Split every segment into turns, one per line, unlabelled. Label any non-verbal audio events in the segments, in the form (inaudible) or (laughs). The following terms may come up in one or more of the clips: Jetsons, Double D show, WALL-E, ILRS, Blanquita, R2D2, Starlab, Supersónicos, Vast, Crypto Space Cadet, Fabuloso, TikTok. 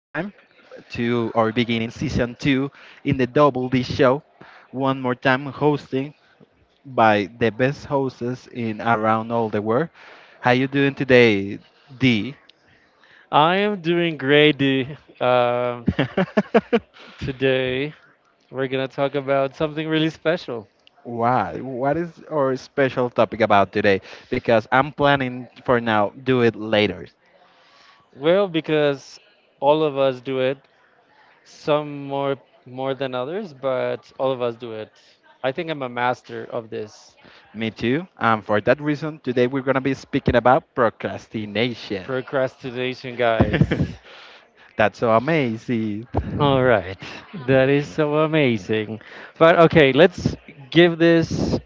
to our beginning season two in the Double D show. One more time hosting by the best hosts in around all the world. How you doing today, D?
I am doing great, D. Um
(laughs)
Today, we're going to talk about something really special.
Why? What is our special topic about today? Because I'm planning for now, do it later.
Well, because all of us do it, some more than others, but all of us do it. I think I'm a master of this
Me too. And for that reason, today we're gonna be speaking about procrastination.
procrastination, guys.
(laughs) That's so amazing.
All right. That is so amazing. But okay, let's give this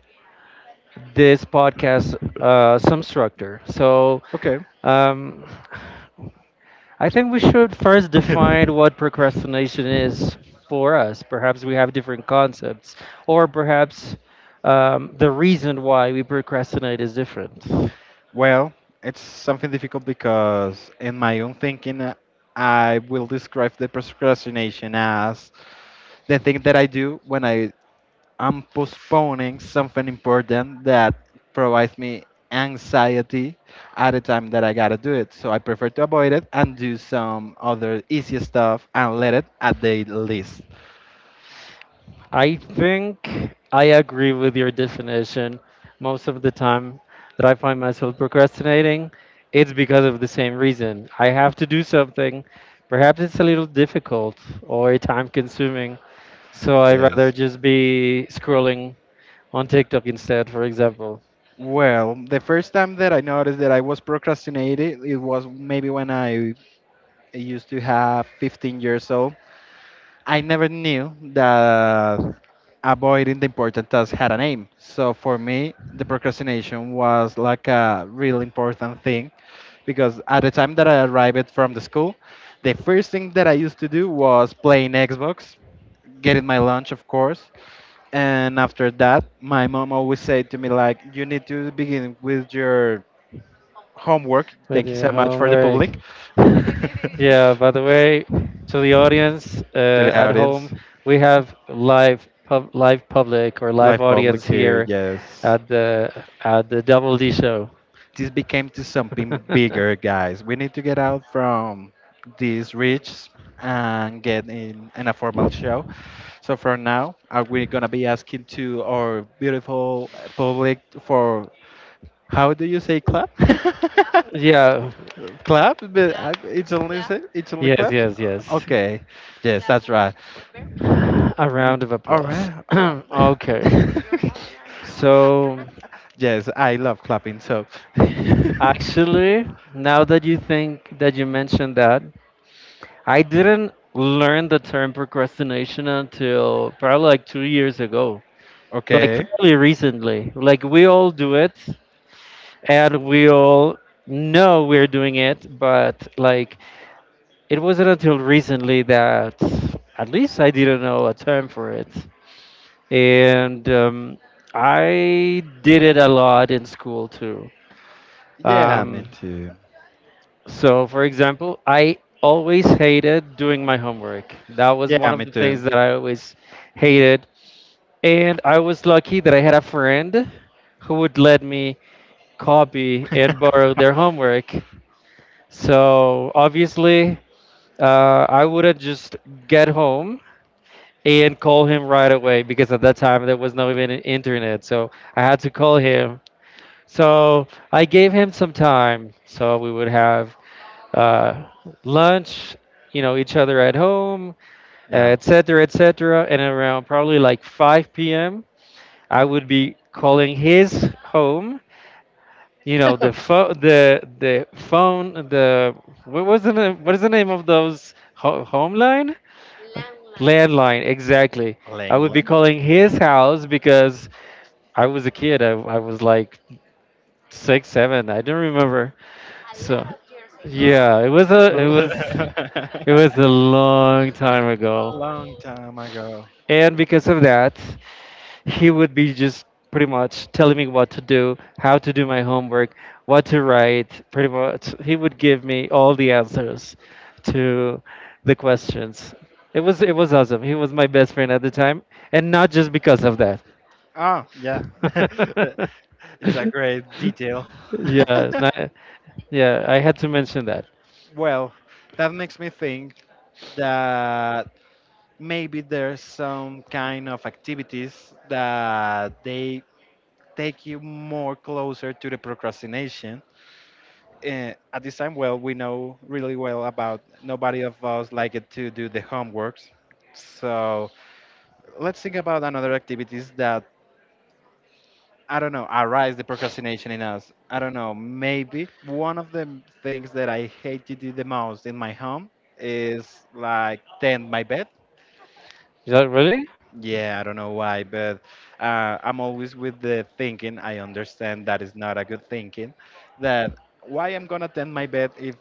this podcast some structure. So,
Okay.
um, I think we should first define
(laughs)
what procrastination is for us. Perhaps we have different concepts, or perhaps the reason why we procrastinate is different.
Well, it's something difficult because, in my own thinking, I will describe the procrastination as the thing that I do when I am postponing something important that provides me anxiety at the time that I gotta do it. So I prefer to avoid it and do some other easy stuff and let it at the least.
I think I agree with your definition. Most of the time that I find myself procrastinating, it's because of the same reason. I have to do something. Perhaps it's a little difficult or time consuming. So I rather
Yes.
just be scrolling on TikTok instead, for example.
Well, the first time that I noticed that I was procrastinating, it was maybe when I used to have 15 years old. I never knew that avoiding the important tasks had a name. So for me, the procrastination was like a real important thing because at the time that I arrived from the school, the first thing that I used to do was playing Xbox, getting my lunch, of course. And after that, my mom always said to me like, "You need to begin with your homework.
With
Thank you
your
so much for the
homework.
public, (laughs) to
Yeah, by the way, to the audience
the
at home,
audience,
we have live public or live
live public
audience
here.
here
Yes,
at the Double D show.
this became to something bigger,
(laughs)
guys. We need to get out from these reach and get in a formal show. So for now, are we gonna be asking to our beautiful public for how do you say clap? (laughs)
yeah.
Clap, but Clap, it's only
Yes,
claps.
yes, yes.
Okay, yes, that's right.
A
N-
round of
All
applause.
right.
(clears throat) okay.
(laughs)
So
Yes, I love clapping. So, (laughs)
actually, now that you mentioned that, I didn't learn the term procrastination until probably like 2 years ago, like
okay.
fairly recently. Like we all do it and we all know we're doing it, but like it wasn't until recently that at least I didn't know a term for it. And I did it a lot in school too.
Yeah, me
Um,
too.
so, for example, I always hated doing my homework. That was
Yeah,
one of
me
the
too.
things that I always hated. And I was lucky that I had a friend who would let me copy and borrow their
(laughs)
homework. So obviously, I wouldn't just get home and call him right away, because at that time there was not even an internet. So I had to call him. So I gave him some time. So we would have uh, lunch, you know, each other at home,
Yeah.
etc., etc. And around probably like 5 p.m. I would be calling his home. You know
(laughs)
the phone, the what was the name, what is the name of those home line? Landline, exactly. I would
Langley.
be calling his house because I was a kid. I was like six, seven. I don't remember. So, yeah, it was a
(laughs)
long time ago.
Long time ago.
And because of that, he would be just pretty much telling me what to do, how to do my homework, what to write. Pretty much, he would give me all the answers to the questions. It was awesome. He was my best friend at the time, and not just because of that.
Oh, yeah. (laughs)
(laughs)
It's a great detail.
yeah,
(laughs)
na- yeah. I had to mention that.
Well, that makes me think that maybe there's some kind of activities that they take you more closer to the procrastination. At this time, well, we know really well about nobody of us like it to do the homeworks. So let's think about another activities that I don't know arise the procrastination in us. I don't know. Maybe one of the things that I hate to do the most in my home is like tend my bed.
Is that really?
Yeah, I don't know why, but I'm always with the thinking. I understand that is not a good thinking. That why I'm gonna tend my bed if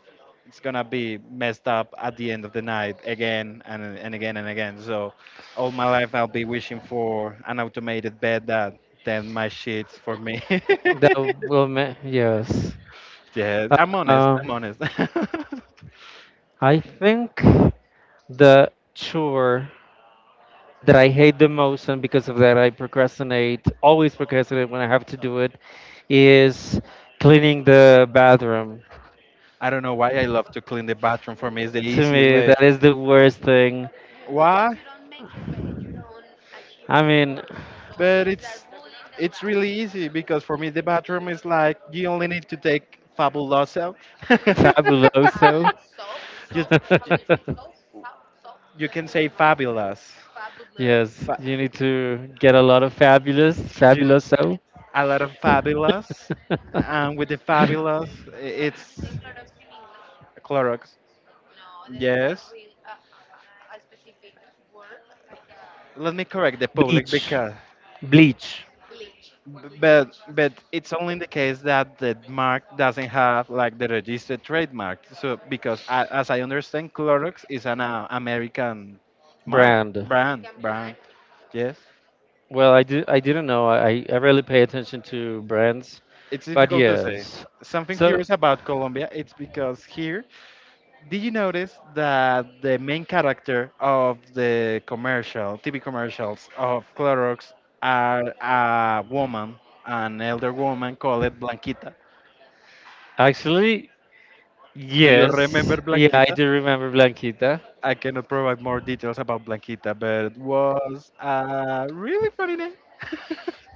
it's gonna be messed up at the end of the night again and again and again. So all my life I'll be wishing for an automated bed that tend my sheets for me. (laughs)
That yes.
Yes, I'm honest.
Um,
I'm honest. (laughs)
I think the chore that I hate the most, and because of that, I procrastinate, always procrastinate when I have to do it, is cleaning the bathroom.
I don't know why I love to clean the bathroom. For me, it's the
To
easiest
me,
way.
that is the worst thing.
Why?
I mean,
But it's really easy because for me the bathroom is like you only need to take fabuloso. (laughs)
fabuloso.
you, you,
(laughs)
you can say fabulous.
yes,
Fa-
you need to get a lot of fabulous,
you,
fabuloso.
a lot of fabulous, and with the fabulous, i-
(laughs)
it's Clorox. Yes. Let me correct the public
Bleach.
because,
Bleach
but it's only in the case that the mark doesn't have like the registered trademark. So because as I understand, Clorox is an American mark
Brand.
brand. Yes.
Well, I didn't know. I really pay attention to brands,
It's
but
difficult to say.
yes.
Something
So
curious about Colombia, it's because here, did you notice that the main character of the commercial, TV commercials of Clorox are a woman, an elder woman called Blanquita?
actually,
Do you remember
yes, yeah, I
Blanquita?
do remember Blanquita.
I cannot provide more details about Blanquita, but it was a really funny name. (laughs)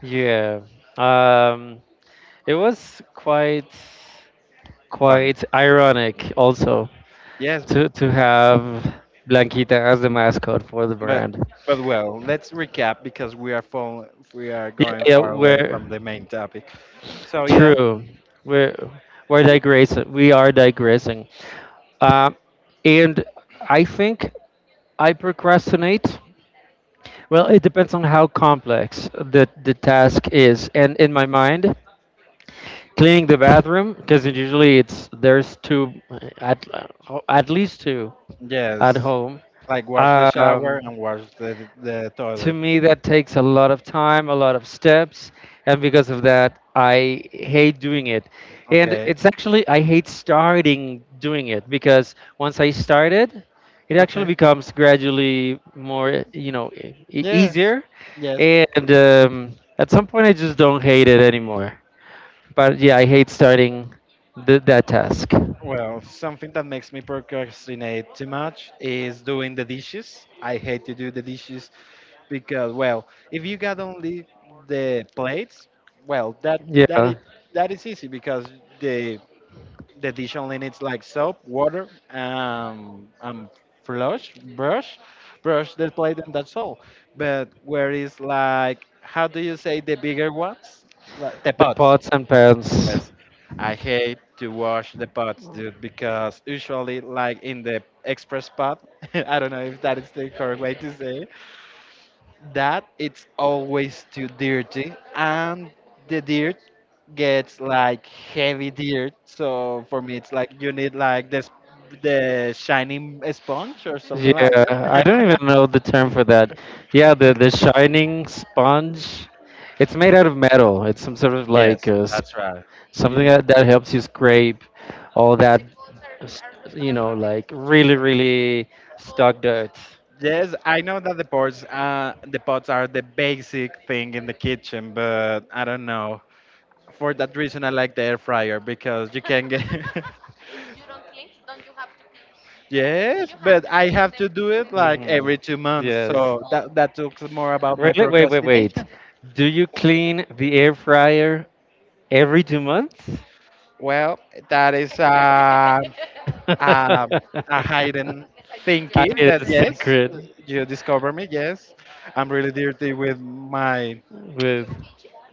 Yeah. Um, it was quite
Funny.
quite ironic also
Yes,
to have Blanquita as the mascot for the
but
brand.
but well, let's recap because we are
Yeah,
going
yeah,
far away
where.
from the main topic. So yeah,
True. We're we're digressing. We are digressing. Uh, and I think I procrastinate. Well, it depends on how complex the task is. And in my mind, cleaning the bathroom, because usually it's there's two, at at least two at
yes,
home.
like wash the shower
Um,
and wash the
to
toilet.
me that takes a lot of time, a lot of steps, and because of that I hate doing it, and
Okay.
it's actually I hate starting doing it, because once I started it, it actually
Okay.
becomes gradually more, you know,
Yes.
easier,
Yes.
and at some point I just don't hate it anymore. But yeah, I hate starting that task.
Well, something that makes me procrastinate too much is doing the dishes. I hate to do the dishes because, well, if you got only the plates, well, that that
Yeah,
is that is easy because the The dish only needs like soap, water, flush, brush, the plate, and that's all. But where is like, how do you say the bigger ones? Like, the
the
pots.
pots and pans.
Yes, I hate to wash the pots, dude, because usually like in the express pot, (laughs) I don't know if that is the correct way to say it, that it's always too dirty and the dirt gets like heavy dirt. So for me, it's like you need like this the shining sponge or something like
Yeah, I don't
that.
even
(laughs)
know the term for that. Yeah, the shining sponge. It's made out of metal. It's some sort of like
Yes, that's right. You
something
know.
that helps you scrape all that, s- you know, like really, really stuck dirt.
Yes, I know that the pots are the basic thing in the kitchen, but I don't know. For that reason, I like the air fryer because you can get. (laughs) Yes, but I have to do it like
Hmm
every 2 months,
Yes.
so that talks more about my
Really? Wait.
procrastination.
Do you clean the air fryer every 2 months?
Well, that is
(laughs)
um,
I
a hidden thinking
made
that
a
yes,
secret
you discover me. Yes, I'm really dirty with my
with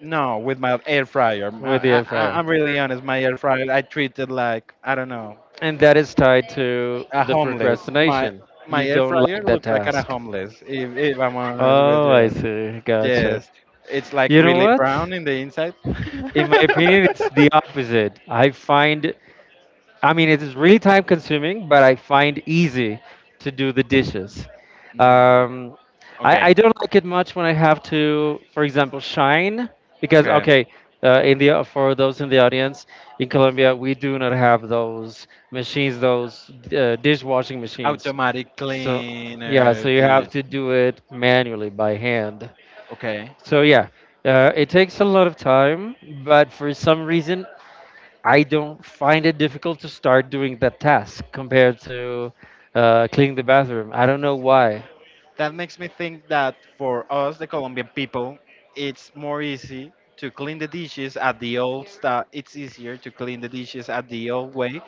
no with my air fryer.
the
I,
air
I,
fryer.
I'm really honest. My air fryer, I treat it like I don't know
And that is tied to
a
the
homeless. My
procrastination.
my
You
air
don't
fryer
like that
looks like kind of
task.
homeless. If I'm honest with
Oh, I
you,
see. Gotcha.
yes, it's like
You know
really
what?
brown in the inside.
In my opinion, it's the
(laughs)
opposite. I mean, it is really time consuming, but I find easy to do the dishes.
Mm,
Um, I
okay,
don't like it much when I have to, for example, shine, because
okay.
okay, in the, for those in the audience in Colombia, we do not have those machines, those dishwashing machines.
Automatic
So yeah,
cleaner
so you have
this.
to do it manually by hand.
Okay,
So yeah, it takes a lot of time, but for some reason I don't find it difficult to start doing that task compared to cleaning the bathroom. I don't know why.
that makes me think that for us, the Colombian people, it's more easy to clean the dishes at the old style. It's easier to clean the dishes at the old way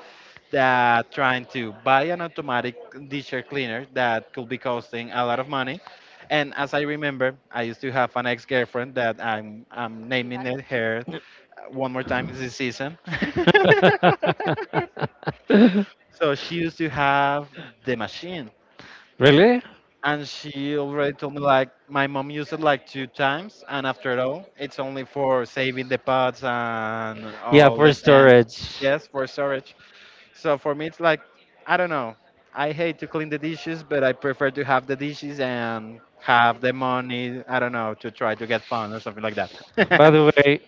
than trying to buy an automatic dishwasher cleaner that could be costing a lot of money. And as I remember, I used to have an ex-girlfriend that I'm naming it her one more time this season. (laughs)
(laughs)
So she used to have the machine,
really?
and she already told me like my mom used it like two times, and after all, it's only for saving the pots and
Yeah,
all
for
the pans.
storage.
Yes, for storage. So for me, it's like I don't know, I hate to clean the dishes, but I prefer to have the dishes and have the money. I don't know, to try to get fun or something like
By
that.
the
(laughs)
way,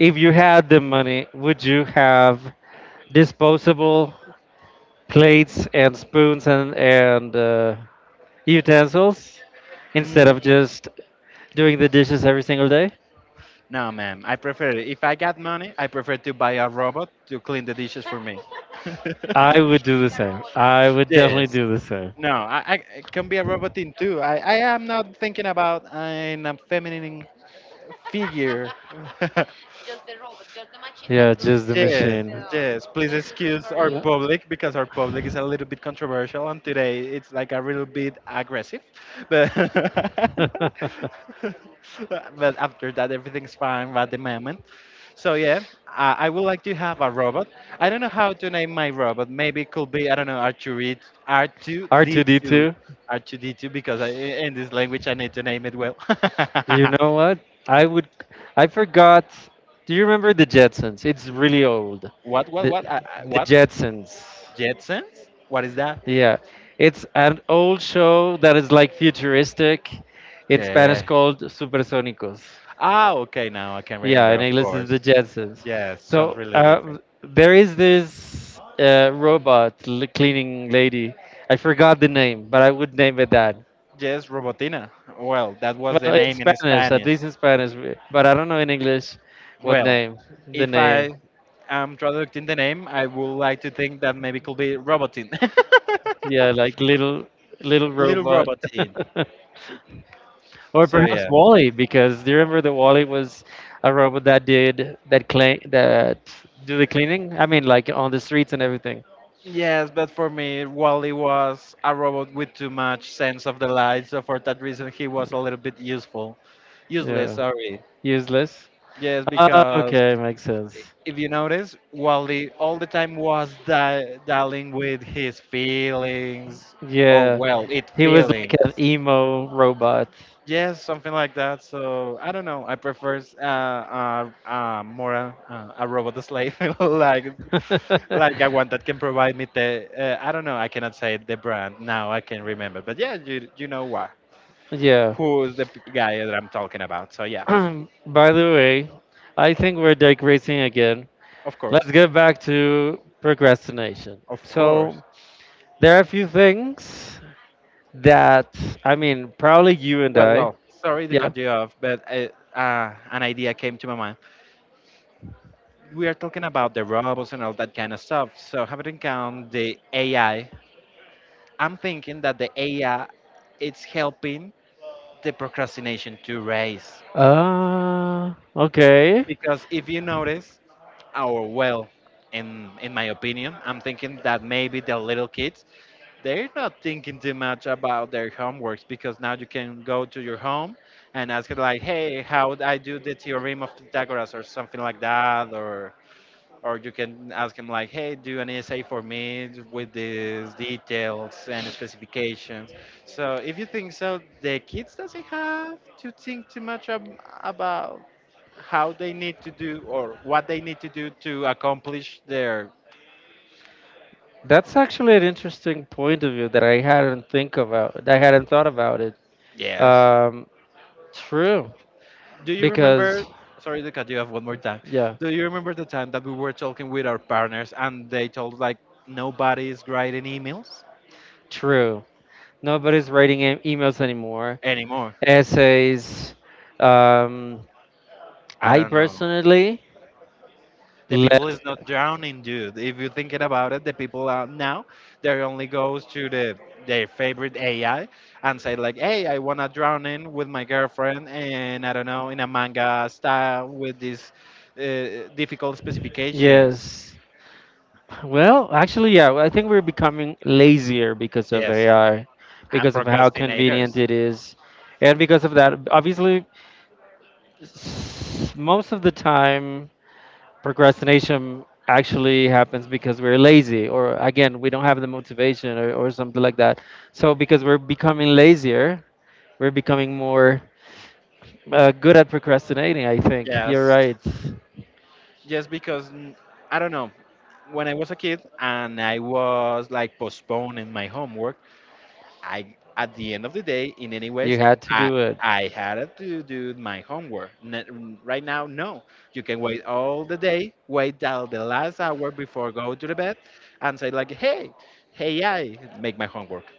if you had the money, would you have disposable plates and spoons and utensils instead of
Mm,
just doing the dishes every single day?
no ma'am, I prefer it. If I got money, I prefer to buy a robot to clean the dishes for me.
I would
(laughs)
do the same. I would definitely
Yes.
do the same.
No, I it can be a robot thing too. I am not thinking about in a feminine figure. (laughs) Just.
Yeah, just the
Yes,
machine.
yes. Please excuse our public because our public is a little bit controversial and today it's like a little bit aggressive. But (laughs)
(laughs)
but after that everything's fine at the moment. So yeah, I would like to have a robot. I don't know how to name my robot. Maybe it could be I don't know R2 R2 D2
R2D2.
R2 D2 because I, in this language I need to name it well. (laughs)
You know what? I would. I forgot. Do you remember the Jetsons? It's really old.
What, what,
The
what, uh, uh,
the
what?
Jetsons.
Jetsons? What is that?
Yeah, it's an old show that is like futuristic. In Spanish,
Okay.
called Supersónicos.
Ah, okay, now I can
Yeah,
remember,
and
of
English is
course.
the Jetsons.
Yes, sounds
So
really different.
there is this robot cleaning lady. I forgot the name, but I would name it that.
Yes, Robotina. Well, that was the
Well, in
name in
Spanish, at
Spanish.
least in Spanish, but I don't know in English what
Well,
name. The
if I
name,
am traducting the name, I would like to think that maybe could be Robotin.
yeah, like little
(laughs) Little
robot.
Robotin.
(laughs) or
So,
perhaps
yeah.
Wally, because do you remember that Wally was a robot that did that clean that do the cleaning? I mean, like on the streets and everything.
Yes, but for me, Wally was a robot with too much sense of the light, so for that reason, he was a little bit useful. Useless,
Yeah.
sorry.
Useless.
Yes,
Ah,
because
okay, makes
i-
sense.
if you notice, Wally all the time was dealing with his feelings, or
Yeah.
well, it
He was like
feelings.
an emo robot.
Yes, something like that. So I don't know. I prefer more a robot slave, (laughs) like a
(laughs)
one that can provide me the. I don't know. I cannot say the brand now. I can remember, but yeah, you know what?
yeah.
Who's the guy that I'm talking about? So yeah,
(clears throat) By the way, I think we're digressing again.
of course,
Let's get back to procrastination.
of course.
So, there are a few things that, I mean, probably you and
Well,
I.
well, sorry to
Yeah.
cut you off, but an idea came to my mind. We are talking about the robots and all that kind of stuff. So, having in count the AI, I'm thinking that the AI it's helping the procrastination to rise.
Ah, okay.
Because if you notice, our well, in my opinion, I'm thinking that maybe the little kids they're not thinking too much about their homeworks because now you can go to your home and ask it like, hey, how would I do the theorem of Pythagoras or something like that, or you can ask him like, hey, do an essay for me with these details and specifications. So if you think so, the kids doesn't have to think too much about how they need to do or what they need to do to accomplish their.
That's actually an interesting point of view that I hadn't think about. I hadn't thought about it.
Yes.
Um, True,
Do you
because
remember? Sorry to cut you off one more time.
yeah,
Do you remember the time that we were talking with our partners and they told like nobody is writing emails
true. Nobody's writing emails anymore.
anymore?
Essays. Um,
I
I
don't know.
personally
The people
let.
is not drowning, dude. If you're thinking about it, the people are now they only goes to the their favorite AI and say like, "Hey, I wanna drown in with my girlfriend and I don't know in a manga style with these difficult specifications."
Yes. Well, actually, yeah, I think we're becoming lazier because of
Yes,
AI,
and
because of how convenient
procrastinators.
it is. And because of that, obviously, most of the time, procrastination actually happens because we're lazy, or again, we don't have the motivation, or something like that. So, because we're becoming lazier, we're becoming more good at procrastinating, I think. You're
Yes,
right.
just because I don't know. When I was a kid and I was like postponing my homework, I at the end of the day, in any
You
ways,
had to
I
do it.
I had to do my homework. Right now, no. You can wait all the day, wait till the last hour before go to the bed, and say like, hey, I make my homework,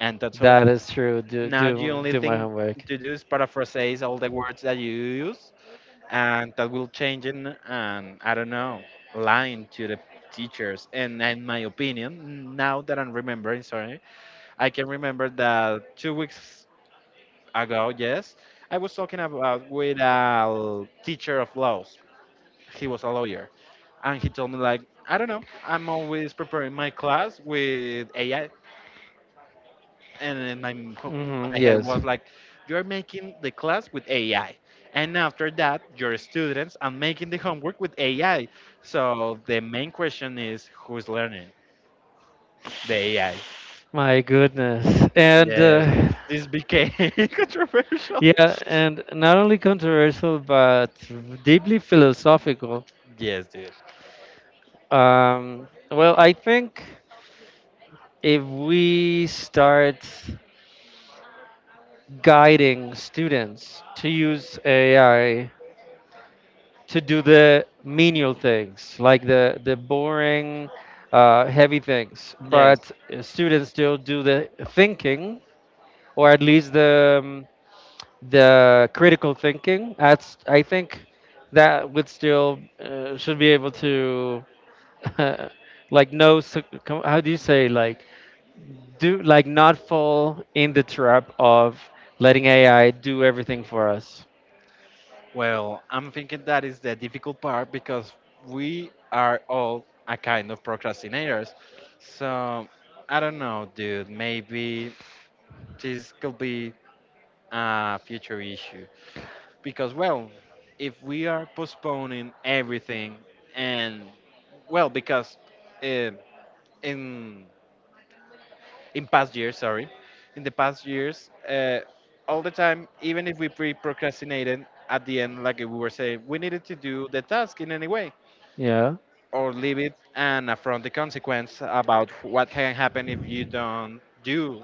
and that's all.
That is true. Do
Now the
do
only
do my
thing
homework.
to do is paraphrase all the words that you use and that will change in and I don't know lying to the teachers and in my opinion now that I'm remembering, sorry, I can remember that 2 weeks ago, yes, I was talking about with a teacher of laws. He was a lawyer and he told me like I don't know I'm always preparing my class with AI and then
Hmm
my head
yes.
was like you're making the class with AI and after that your students are making the homework with AI, so the main question is who's learning the AI?
My goodness. And
Yes, this became (laughs) controversial.
yeah, and not only controversial, but deeply philosophical.
Yes, dude.
Well, I think if we start guiding students to use AI to do the menial things, like the boring, heavy things.
Yes,
But students still do the thinking, or at least the critical thinking. That's, I think, that would still should be able to, (laughs) like no how do you say, like do, like not fall in the trap of letting ai do everything for us.
well, I'm thinking that is the difficult part because we are all a kind of procrastinators. So I don't know, dude, maybe this could be a future issue because, well, if we are postponing everything and, well, because uh, in in past years sorry in the past years all the time, even if we pre procrastinated, at the end like we were saying we needed to do the task in any way
Yeah,
or leave it and affront the consequence about what can happen if you don't do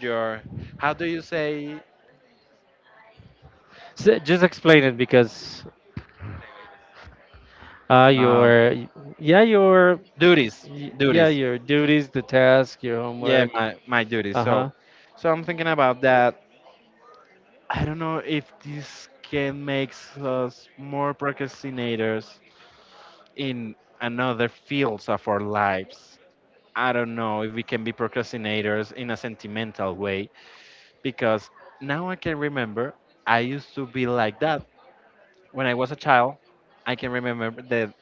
your, how do you say,
so just explain it because
um,
your yeah, your
duties.
y- yeah,
Duties,
your duties, the task, your
yeah,
homework.
my duty.
Uh
So,
huh.
so I'm thinking about that. I don't know if this can make us more procrastinators in another fields of our lives. I don't know if we can be procrastinators in a sentimental way because now I can remember I used to be like that when I was a child. I can remember the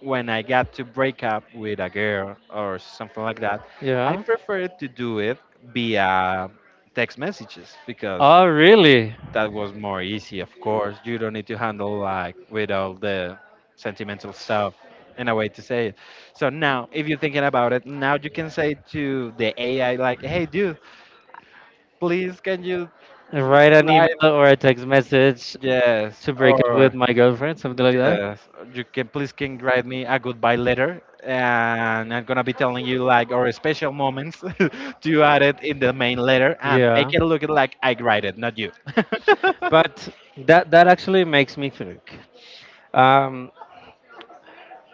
when I got to break up with a girl or something like that, I
Yeah.
preferred to do it via text messages because
Oh, really?
that was more easy, of course. You don't need to handle like with all the sentimental stuff, in a way to say it. So now, if you're thinking about it, now you can say to the AI, like, hey, dude, please can you
Write an email
drive?
or a text message
Yes.
to break up with
Or
my girlfriend, something like that.
yes, you can please can write me a goodbye letter, and I'm gonna be telling you like our special moments (laughs) to add it in the main letter and
Yeah.
make it look like I write it, not you. (laughs)
But that that actually makes me think. Um,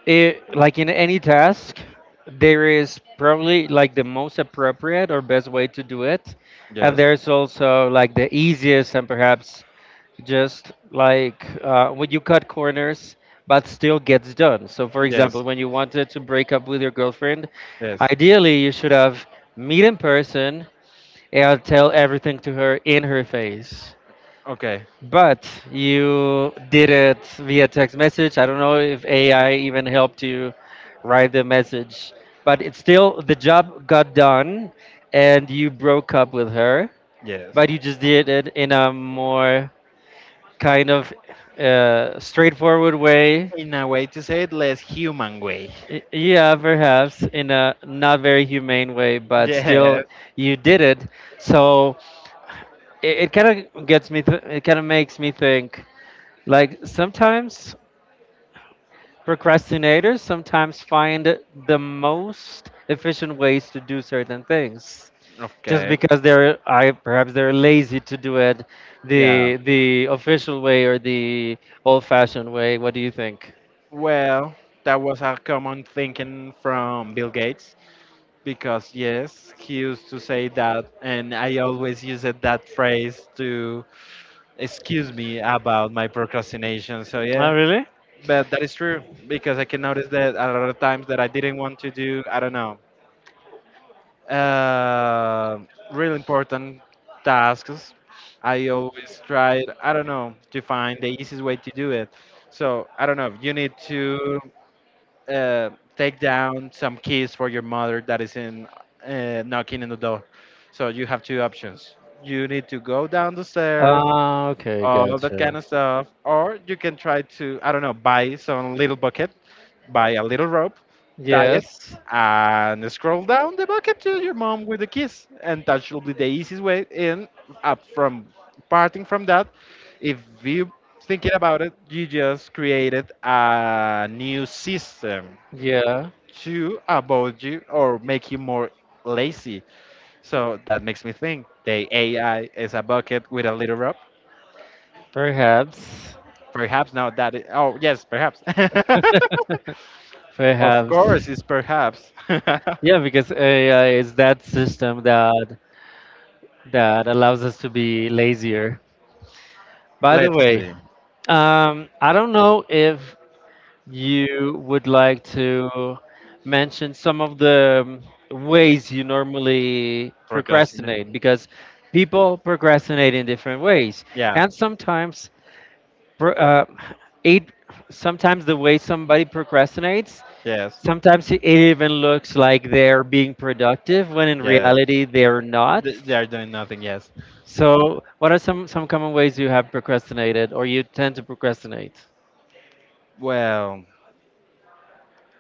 it, like in any task, there is probably like the most appropriate or best way to do it, and
Yes,
there's also like the easiest, and perhaps just like when you cut corners but still gets done. So for
yes,
example, when you wanted to break up with your girlfriend,
yes.
ideally you should have meet in person and tell everything to her in her face,
Okay,
but you did it via text message. I don't know if ai even helped you write the message, but it's still, the job got done and you broke up with her.
yes.
But you just did it in a more kind of straightforward way.
In a way to say it, less human way. (laughs)
Yeah, perhaps in a not very humane way, but
Yes.
still you did it. So it kind of gets me, it kind of makes me think, like sometimes procrastinators sometimes find the most efficient ways to do certain things, just
Okay.
because they're I perhaps they're lazy to do it
Yeah.
the official way, or the old fashioned way. What do you think?
Well, that was a common thinking from Bill Gates, because yes, he used to say that, and I always used that phrase to excuse me about my procrastination.
Yeah.
So
Oh, yeah,
yeah,
really?
but that is true because I can notice that a lot of times that I didn't want to do, I don't know, uh, really important tasks, I always tried, I don't know, to find the easiest way to do it. So I don't know. You need to take down some keys for your mother that is in knocking in the door. So you have two options. You need to go down the stairs,
Ah, okay, oh,
all that kind
gotcha.
of stuff, or you can try to I don't know buy some little bucket, buy a little rope, tie it,
Yes.
and scroll down the bucket to your mom with the keys, and that should be the easiest way in up from parting from that. If you thinking about it, you just created a new system
Yeah,
to about you or make you more lazy. So that makes me think the AI is a bucket with a little rope.
perhaps.
Perhaps now that it, oh yes, perhaps.
(laughs)
(laughs) Of
Perhaps.
course, it's perhaps.
Yeah, because AI is that system that allows us to be lazier.
(laughs)
By the
Let's
way,
see.
I don't know if you would like to mention some of the ways you normally
Procrastinate.
procrastinate, because people procrastinate in different ways,
Yeah.
and sometimes pro- it sometimes the way somebody procrastinates,
Yes.
sometimes it even looks like they're being productive when in
Yes.
reality they're not.
They are doing nothing. Yes.
So what are some common ways you have procrastinated or you tend to procrastinate?
Well,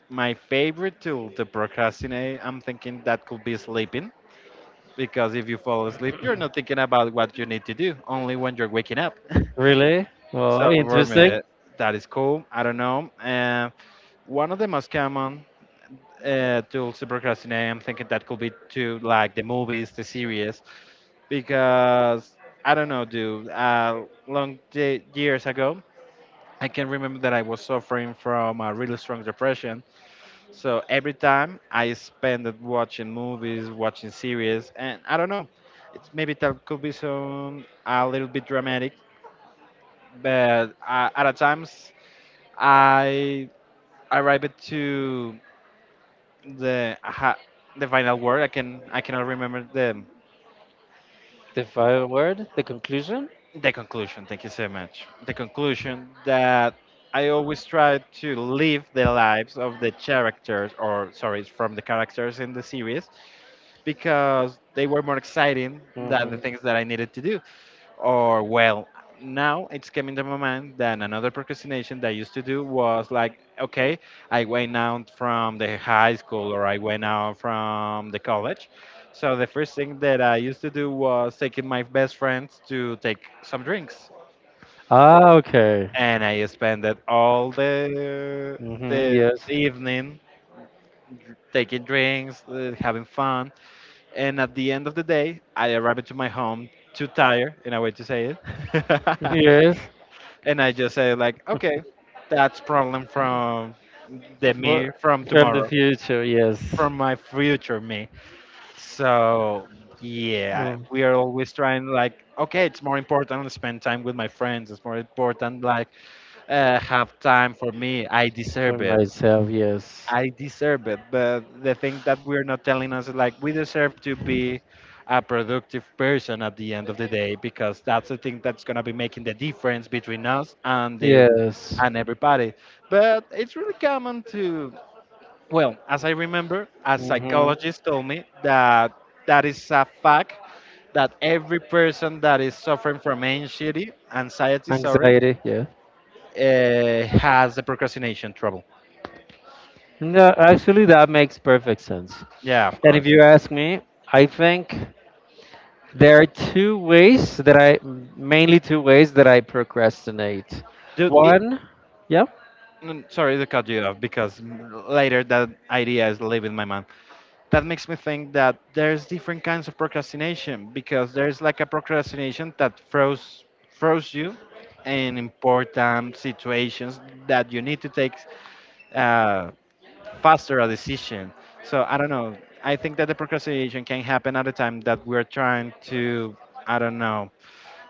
my favorite tool to procrastinate, I'm thinking that could be sleeping. Because if you fall asleep, you're not thinking about what you need to do, only when you're waking up. (laughs)
Really? Well,
So
interesting.
vermeer, that is cool. I don't know. One of the most common tools to procrastinate, I'm thinking that could be to like the movies, the series, because I don't know, dude. Long day, years ago, I can remember that I was suffering from a really strong depression. So every time I spend it watching movies, watching series, and I don't know, it's maybe that could be some a little bit dramatic, but at a times. I arrived to the aha, the final word. I can I cannot remember
The final word, the conclusion.
the conclusion. Thank you so much. The conclusion that I always try to live the lives of the characters, or sorry, from the characters in the series, because they were more exciting than the
Hmm.
things that I needed to do. Or well, now it's coming to my mind that another procrastination that I used to do was like, okay, I went out from the high school or I went out from the college. So the first thing that I used to do was taking my best friends to take some drinks.
Ah, okay.
And I spent it all
Hmm.
the
Yes.
evening taking drinks, having fun. And at the end of the day, I arrived to my home too tired, in a way to say it. (laughs)
Yes.
And I just say like, okay, that's problem from the me
What?
from
From the
tomorrow,
future, yes.
from my future me. So yeah,
Oh.
we are always trying like, okay, it's more important to spend time with my friends. It's more important like have time for me. I
For
deserve it.
myself, yes.
I deserve it. But the thing that we're not telling us is like we deserve to be a productive person at the end of the day because that's the thing that's gonna be making the difference between us and the
Yes.
and everybody. But it's really common to, well, as I remember, a
Hmm.
psychologist told me that that is a fact that every person that is suffering from anxiety, anxiety, sorry,
Anxiety, yeah.
has the procrastination trouble.
No, actually, that makes perfect sense.
Yeah, of
And if
course.
you ask me, I think there are two ways that I, mainly two ways that I procrastinate.
Dude, I
One, yeah,
Sorry to cut you off because later that idea is leaving my mind. That makes me think that there's different kinds of procrastination because there's like a procrastination that throws you in important situations that you need to take uh, faster a decision. So I don't know. I think that the procrastination can happen at a time that we're trying to I don't know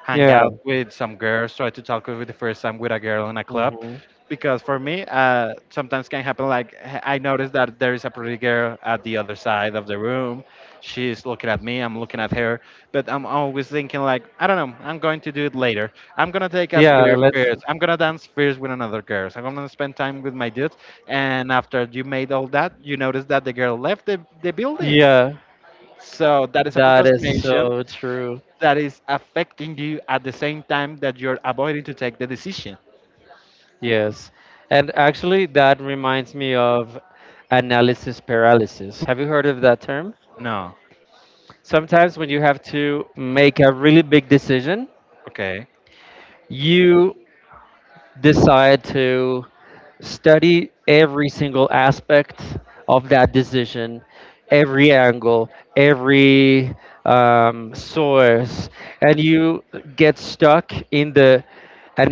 hang
yeah,
out with some girls, try to talk with the first time with a girl in a club.
hmm,
Because for me, sometimes can happen like I noticed that there is a pretty girl at the other side of the room. She's looking at me, I'm looking at her, but I'm always thinking like I don't know. I'm going to do it later. I'm gonna take a
yeah.
beer
Let's.
first. I'm gonna dance first with another girl. So I'm gonna spend time with my dudes. And after you made all that, you notice that the girl left the building.
Yeah,
So that is a
that is
procrastination
so true.
that is affecting you at the same time that you're avoiding to take the decision.
Yes. And actually, that reminds me of analysis paralysis. Have you heard of that term?
No.
Sometimes when you have to make a really big decision,
Okay.
you decide to study every single aspect of that decision, every angle, every source, and you get stuck in the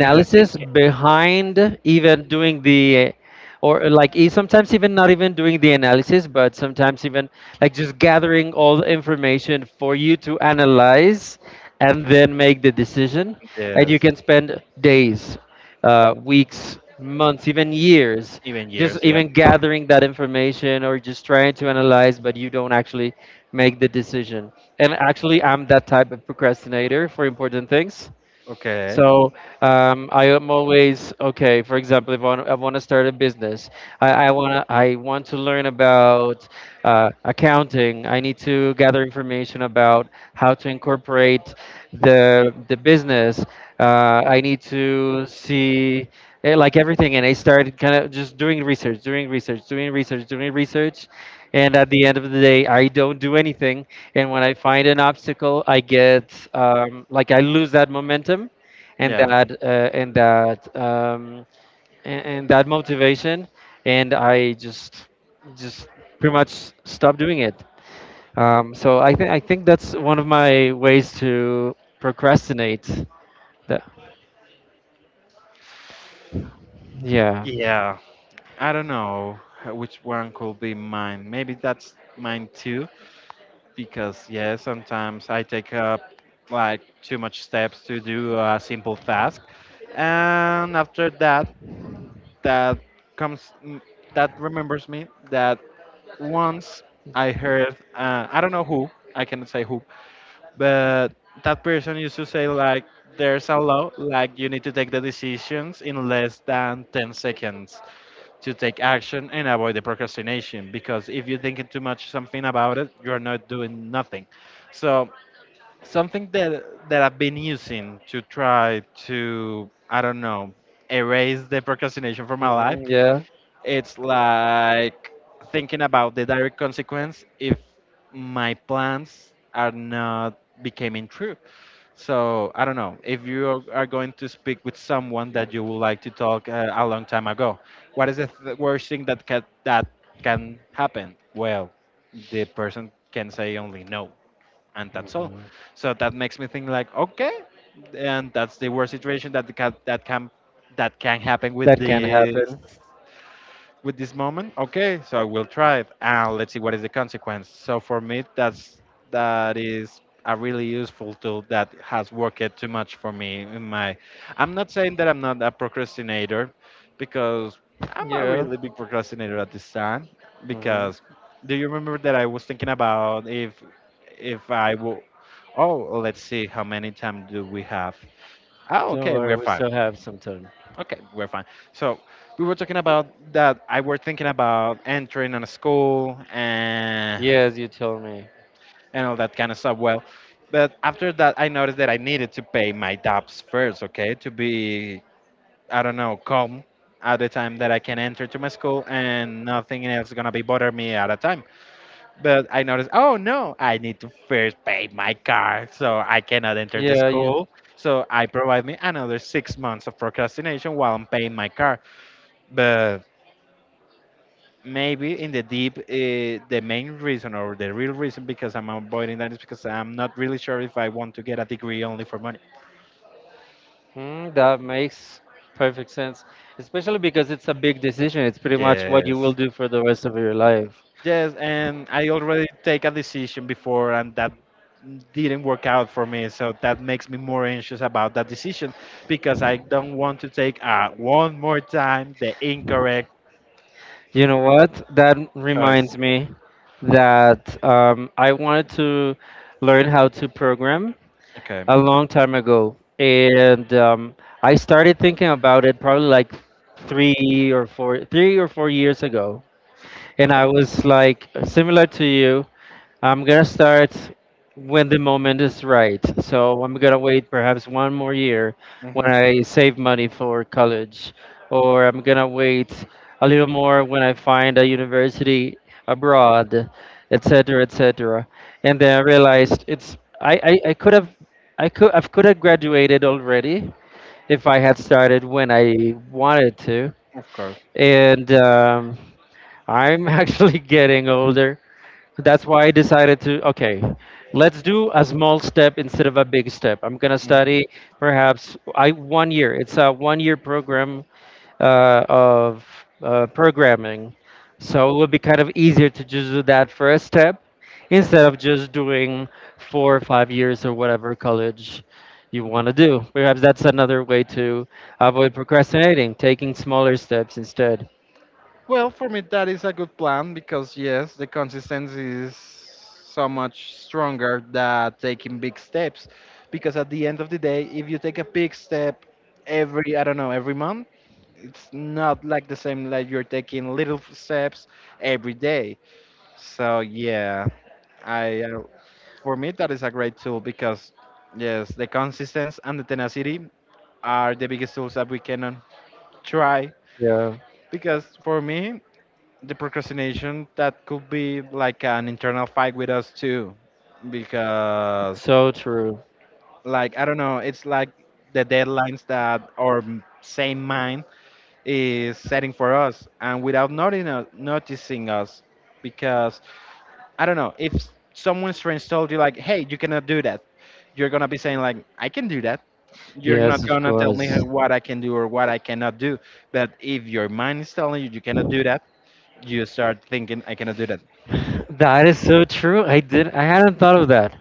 And the thinking,
behind even doing the, or like sometimes even not even doing the analysis, but sometimes even like just gathering all the information for you to analyze and then make the decision, and you
yes,
can spend days, weeks, months, even years
even
just
years, yeah.
even gathering that information or just trying to analyze, but you don't actually make the decision. And actually, I'm that type of procrastinator for important things.
Okay.
So I am always okay. For example, if I want, I want to start a business, I want to learn about accounting. I need to gather information about how to incorporate the business. I need to see like everything, and I started kind of just doing research, doing research, doing research, doing research. And at the end of the day, I don't do anything. And when I find an obstacle, I get like, I lose that momentum and
Yeah.
that and that and that motivation, and i just pretty much stopped doing it. So i think that's one of my ways to procrastinate. That. Yeah.
Yeah, I don't know which one could be mine. Maybe that's mine too, because yeah, sometimes I take up like too much steps to do a simple task, and after that that comes that remembers me that once I heard I don't know who I cannot say who, but that person used to say like there's a law like you need to take the decisions in less than 10 seconds to take action and avoid the procrastination because if you're thinking too much something about it you're not doing nothing. So something that I've been using to try to I don't know erase the procrastination from my life,
Hmm. Yeah.
it's like thinking about the direct consequence if my plans are not becoming true. So I don't know if you are going to speak with someone that you would like to talk a long time ago. What is the worst thing that can happen? Well, the person can say only no, and that's all.
Hmm.
So that makes me think like, okay, and that's the worst situation that can happen with
That can
this
happen.
with this moment. Okay, so I will try it and let's see what is the consequence. So for me that is a really useful tool that has worked too much for me in my— I'm not saying that I'm not a procrastinator, because I'm a
Yeah.
really big procrastinator at this time.
Hmm.
Because— do you remember that I was thinking about if I will— oh, let's see how many time do we have. oh
Don't
okay
worry,
we're
we
fine
still have some time.
Okay, we're fine. So we were talking about that. I were thinking about entering in a school
Yes, you told me.
and all that kind of stuff. Well, but after that, I noticed that I needed to pay my debts first. Okay, to be, I don't know, calm at the time that I can enter to my school and nothing else gonna be bother me at a time. But I noticed, oh no, I need to first pay my car, so I cannot enter the
Yeah, you.
school. So I provide me another 6 months of procrastination while I'm paying my car. But maybe in the deep, the main reason or the real reason because I'm avoiding that is because I'm not really sure if I want to get a degree only for money.
Mm, that makes perfect sense, especially because it's a big decision. It's pretty much what you will
Yes,
do for the rest of your life.
yes, and I already take a decision before and that didn't work out for me, so that makes me more anxious about that decision, because I don't want to take one more time the incorrect
You know what? That
choice.
reminds me that I wanted to learn how to program
Okay.
a long time ago. And I started thinking about it probably like 3 or 4 years ago. And I was like, similar to you, I'm gonna start when the moment is right. So I'm gonna wait perhaps one more year
Hmm.
when I save money for college, or I'm gonna wait a little more when I find a university abroad, etc., etc. And then I realized it's I could have, I could have graduated already if I had started when I wanted to.
Of course.
And I'm (laughs) actually getting older. So that's why I decided to, okay, let's do a small step instead of a big step. I'm gonna
Mhm.
study perhaps I 1 year. It's a 1 year program of programming, so it would be kind of easier to just do that first step instead of just doing 4 or 5 years or whatever college you want to do. Perhaps that's another way to avoid procrastinating, taking smaller steps instead.
Well, for me, that is a good plan because, yes, the consistency is so much stronger than taking big steps. Because at the end of the day, if you take a big step every, I don't know, every month, it's not like the same like you're taking little steps every day. So yeah, I for me that is a great tool because yes, the consistency and the tenacity are the biggest tools that we can try.
Yeah,
Because for me, the procrastination that could be like an internal fight with us too, because
so true.
like I don't know, it's like the deadlines that our same mind is setting for us, and without noting, noticing us, because I don't know if someone strange told you like, "Hey, you cannot do that," you're gonna be saying like, "I can do that." You're
Yes,
not
of
gonna tell me
course.
what I can do or what I cannot do. But if your mind is telling you you cannot do that,
(laughs)
you start thinking, "I cannot do that."
That is so true. I did. I hadn't thought of that.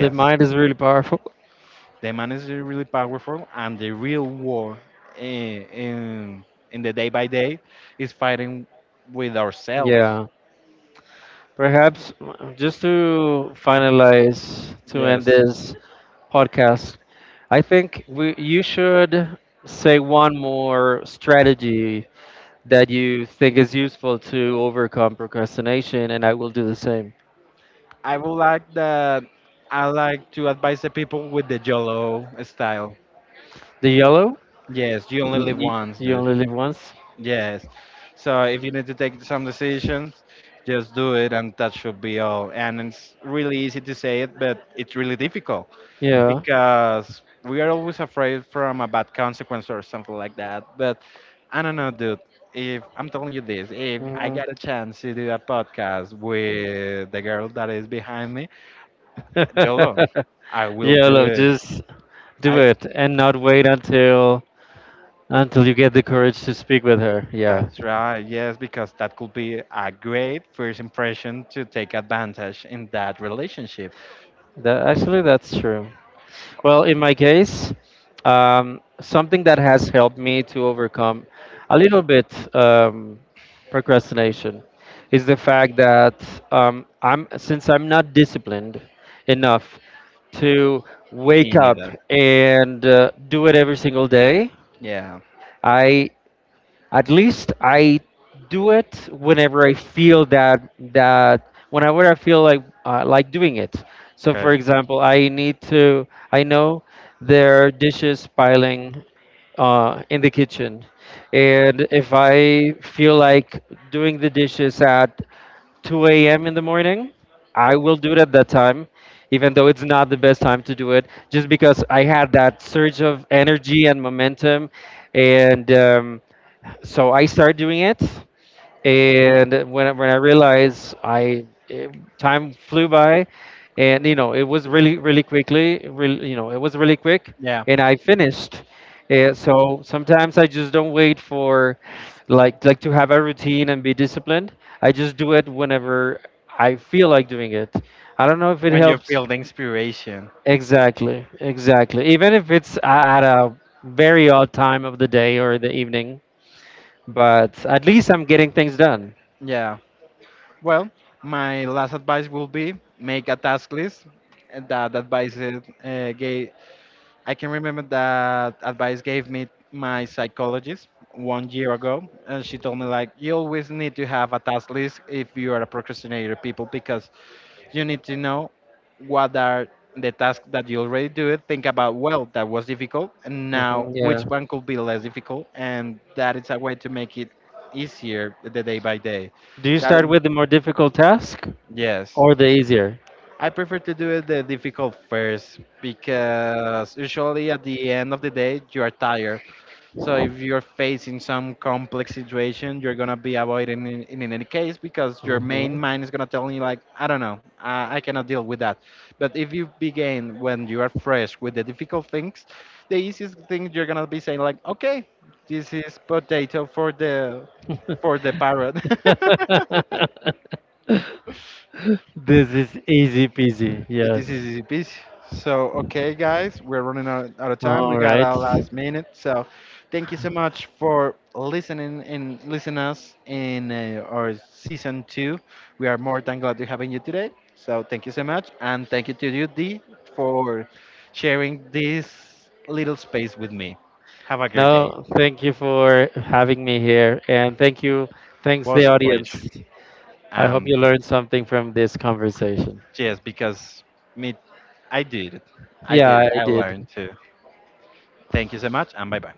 The mind is really powerful.
the mind is really powerful, and the real war in in, in the day by day is fighting with ourselves.
Yeah. Perhaps just to finalize, to end
Yes,
this podcast, I think we you should say one more strategy that you think is useful to overcome procrastination, and I will do the same.
I would like that. I like to advise the people with the YOLO style.
The yellow.
Yes, you only live once,
You
dude.
only live once.
Yes. So if you need to take some decisions, just do it, and that should be all. And it's really easy to say it, but it's really difficult
Yeah.
because we are always afraid from a bad consequence or something like that. But I don't know, dude. If I'm telling you this, if I
Mhm.
got a chance to do a podcast with the girl that is behind me, YOLO,
(laughs)
I will
Yeah,
do
love,
it.
just do
I.
it and not wait until you get the courage to speak with her. Yeah,
That's right, yes, because that could be a great first impression to take advantage in that relationship.
that actually, that's true. Well, in my case, something that has helped me to overcome a little bit procrastination is the fact that I'm since I'm not disciplined enough to
Me
wake up
neither.
and do it every single day.
Yeah.
I At least I do it whenever I feel that that whenever I feel like doing it. So
Okay.
for example, I need to I know there are dishes piling in the kitchen, and if I feel like doing the dishes at 2 a.m. in the morning, I will do it at that time, even though it's not the best time to do it, just because I had that surge of energy and momentum, and so I started doing it, and when I realized I it, time flew by, and you know, it was really quickly, really, you know, it was really quick,
Yeah.
and I finished. And so sometimes I just don't wait for like to have a routine and be disciplined. I just do it whenever I feel like doing it. I don't know if it
When you
helps.
feel the inspiration.
Exactly, exactly. Even if it's at a very odd time of the day or the evening, but at least I'm getting things done.
Yeah. Well, my last advice will be make a task list. And that advice is, gave— I can remember that advice gave me my psychologist one year ago, and she told me like you always need to have a task list if you are a procrastinator people, because you need to know what are the tasks that you already do. Think about, well, that was difficult, and now
Hmm, yeah.
which one could be less difficult, and that is a way to make it easier the day by day.
Do you
That,
start with the more difficult task
yes,
or the easier?
I prefer to do it the difficult first because usually at the end of the day you are tired, so if you're facing some complex situation, you're gonna be avoiding in any case because your
Hmm.
main mind is gonna tell you like, I don't know, I cannot deal with that. But if you begin when you are fresh with the difficult things, the easiest thing you're gonna be saying like, okay, this is potato for the
(laughs)
parrot. (laughs)
This is easy peasy.
It
Yes.
is easy peasy. So, okay, guys, we're running out of time.
All
We got
right.
our last minute. So, thank you so much for listening and listening us in our season two. We are more than glad to having you today. So, thank you so much. And thank you to you, D, for sharing this little space with me. Have a great day.
No, thank you for having me here, and thanks the
Was a pleasure.
audience. I hope
Um,
you learned something from this conversation.
yes, because me, I did it. I did it.
Yeah, I
I
did.
learned too. Thank you so much, and bye bye.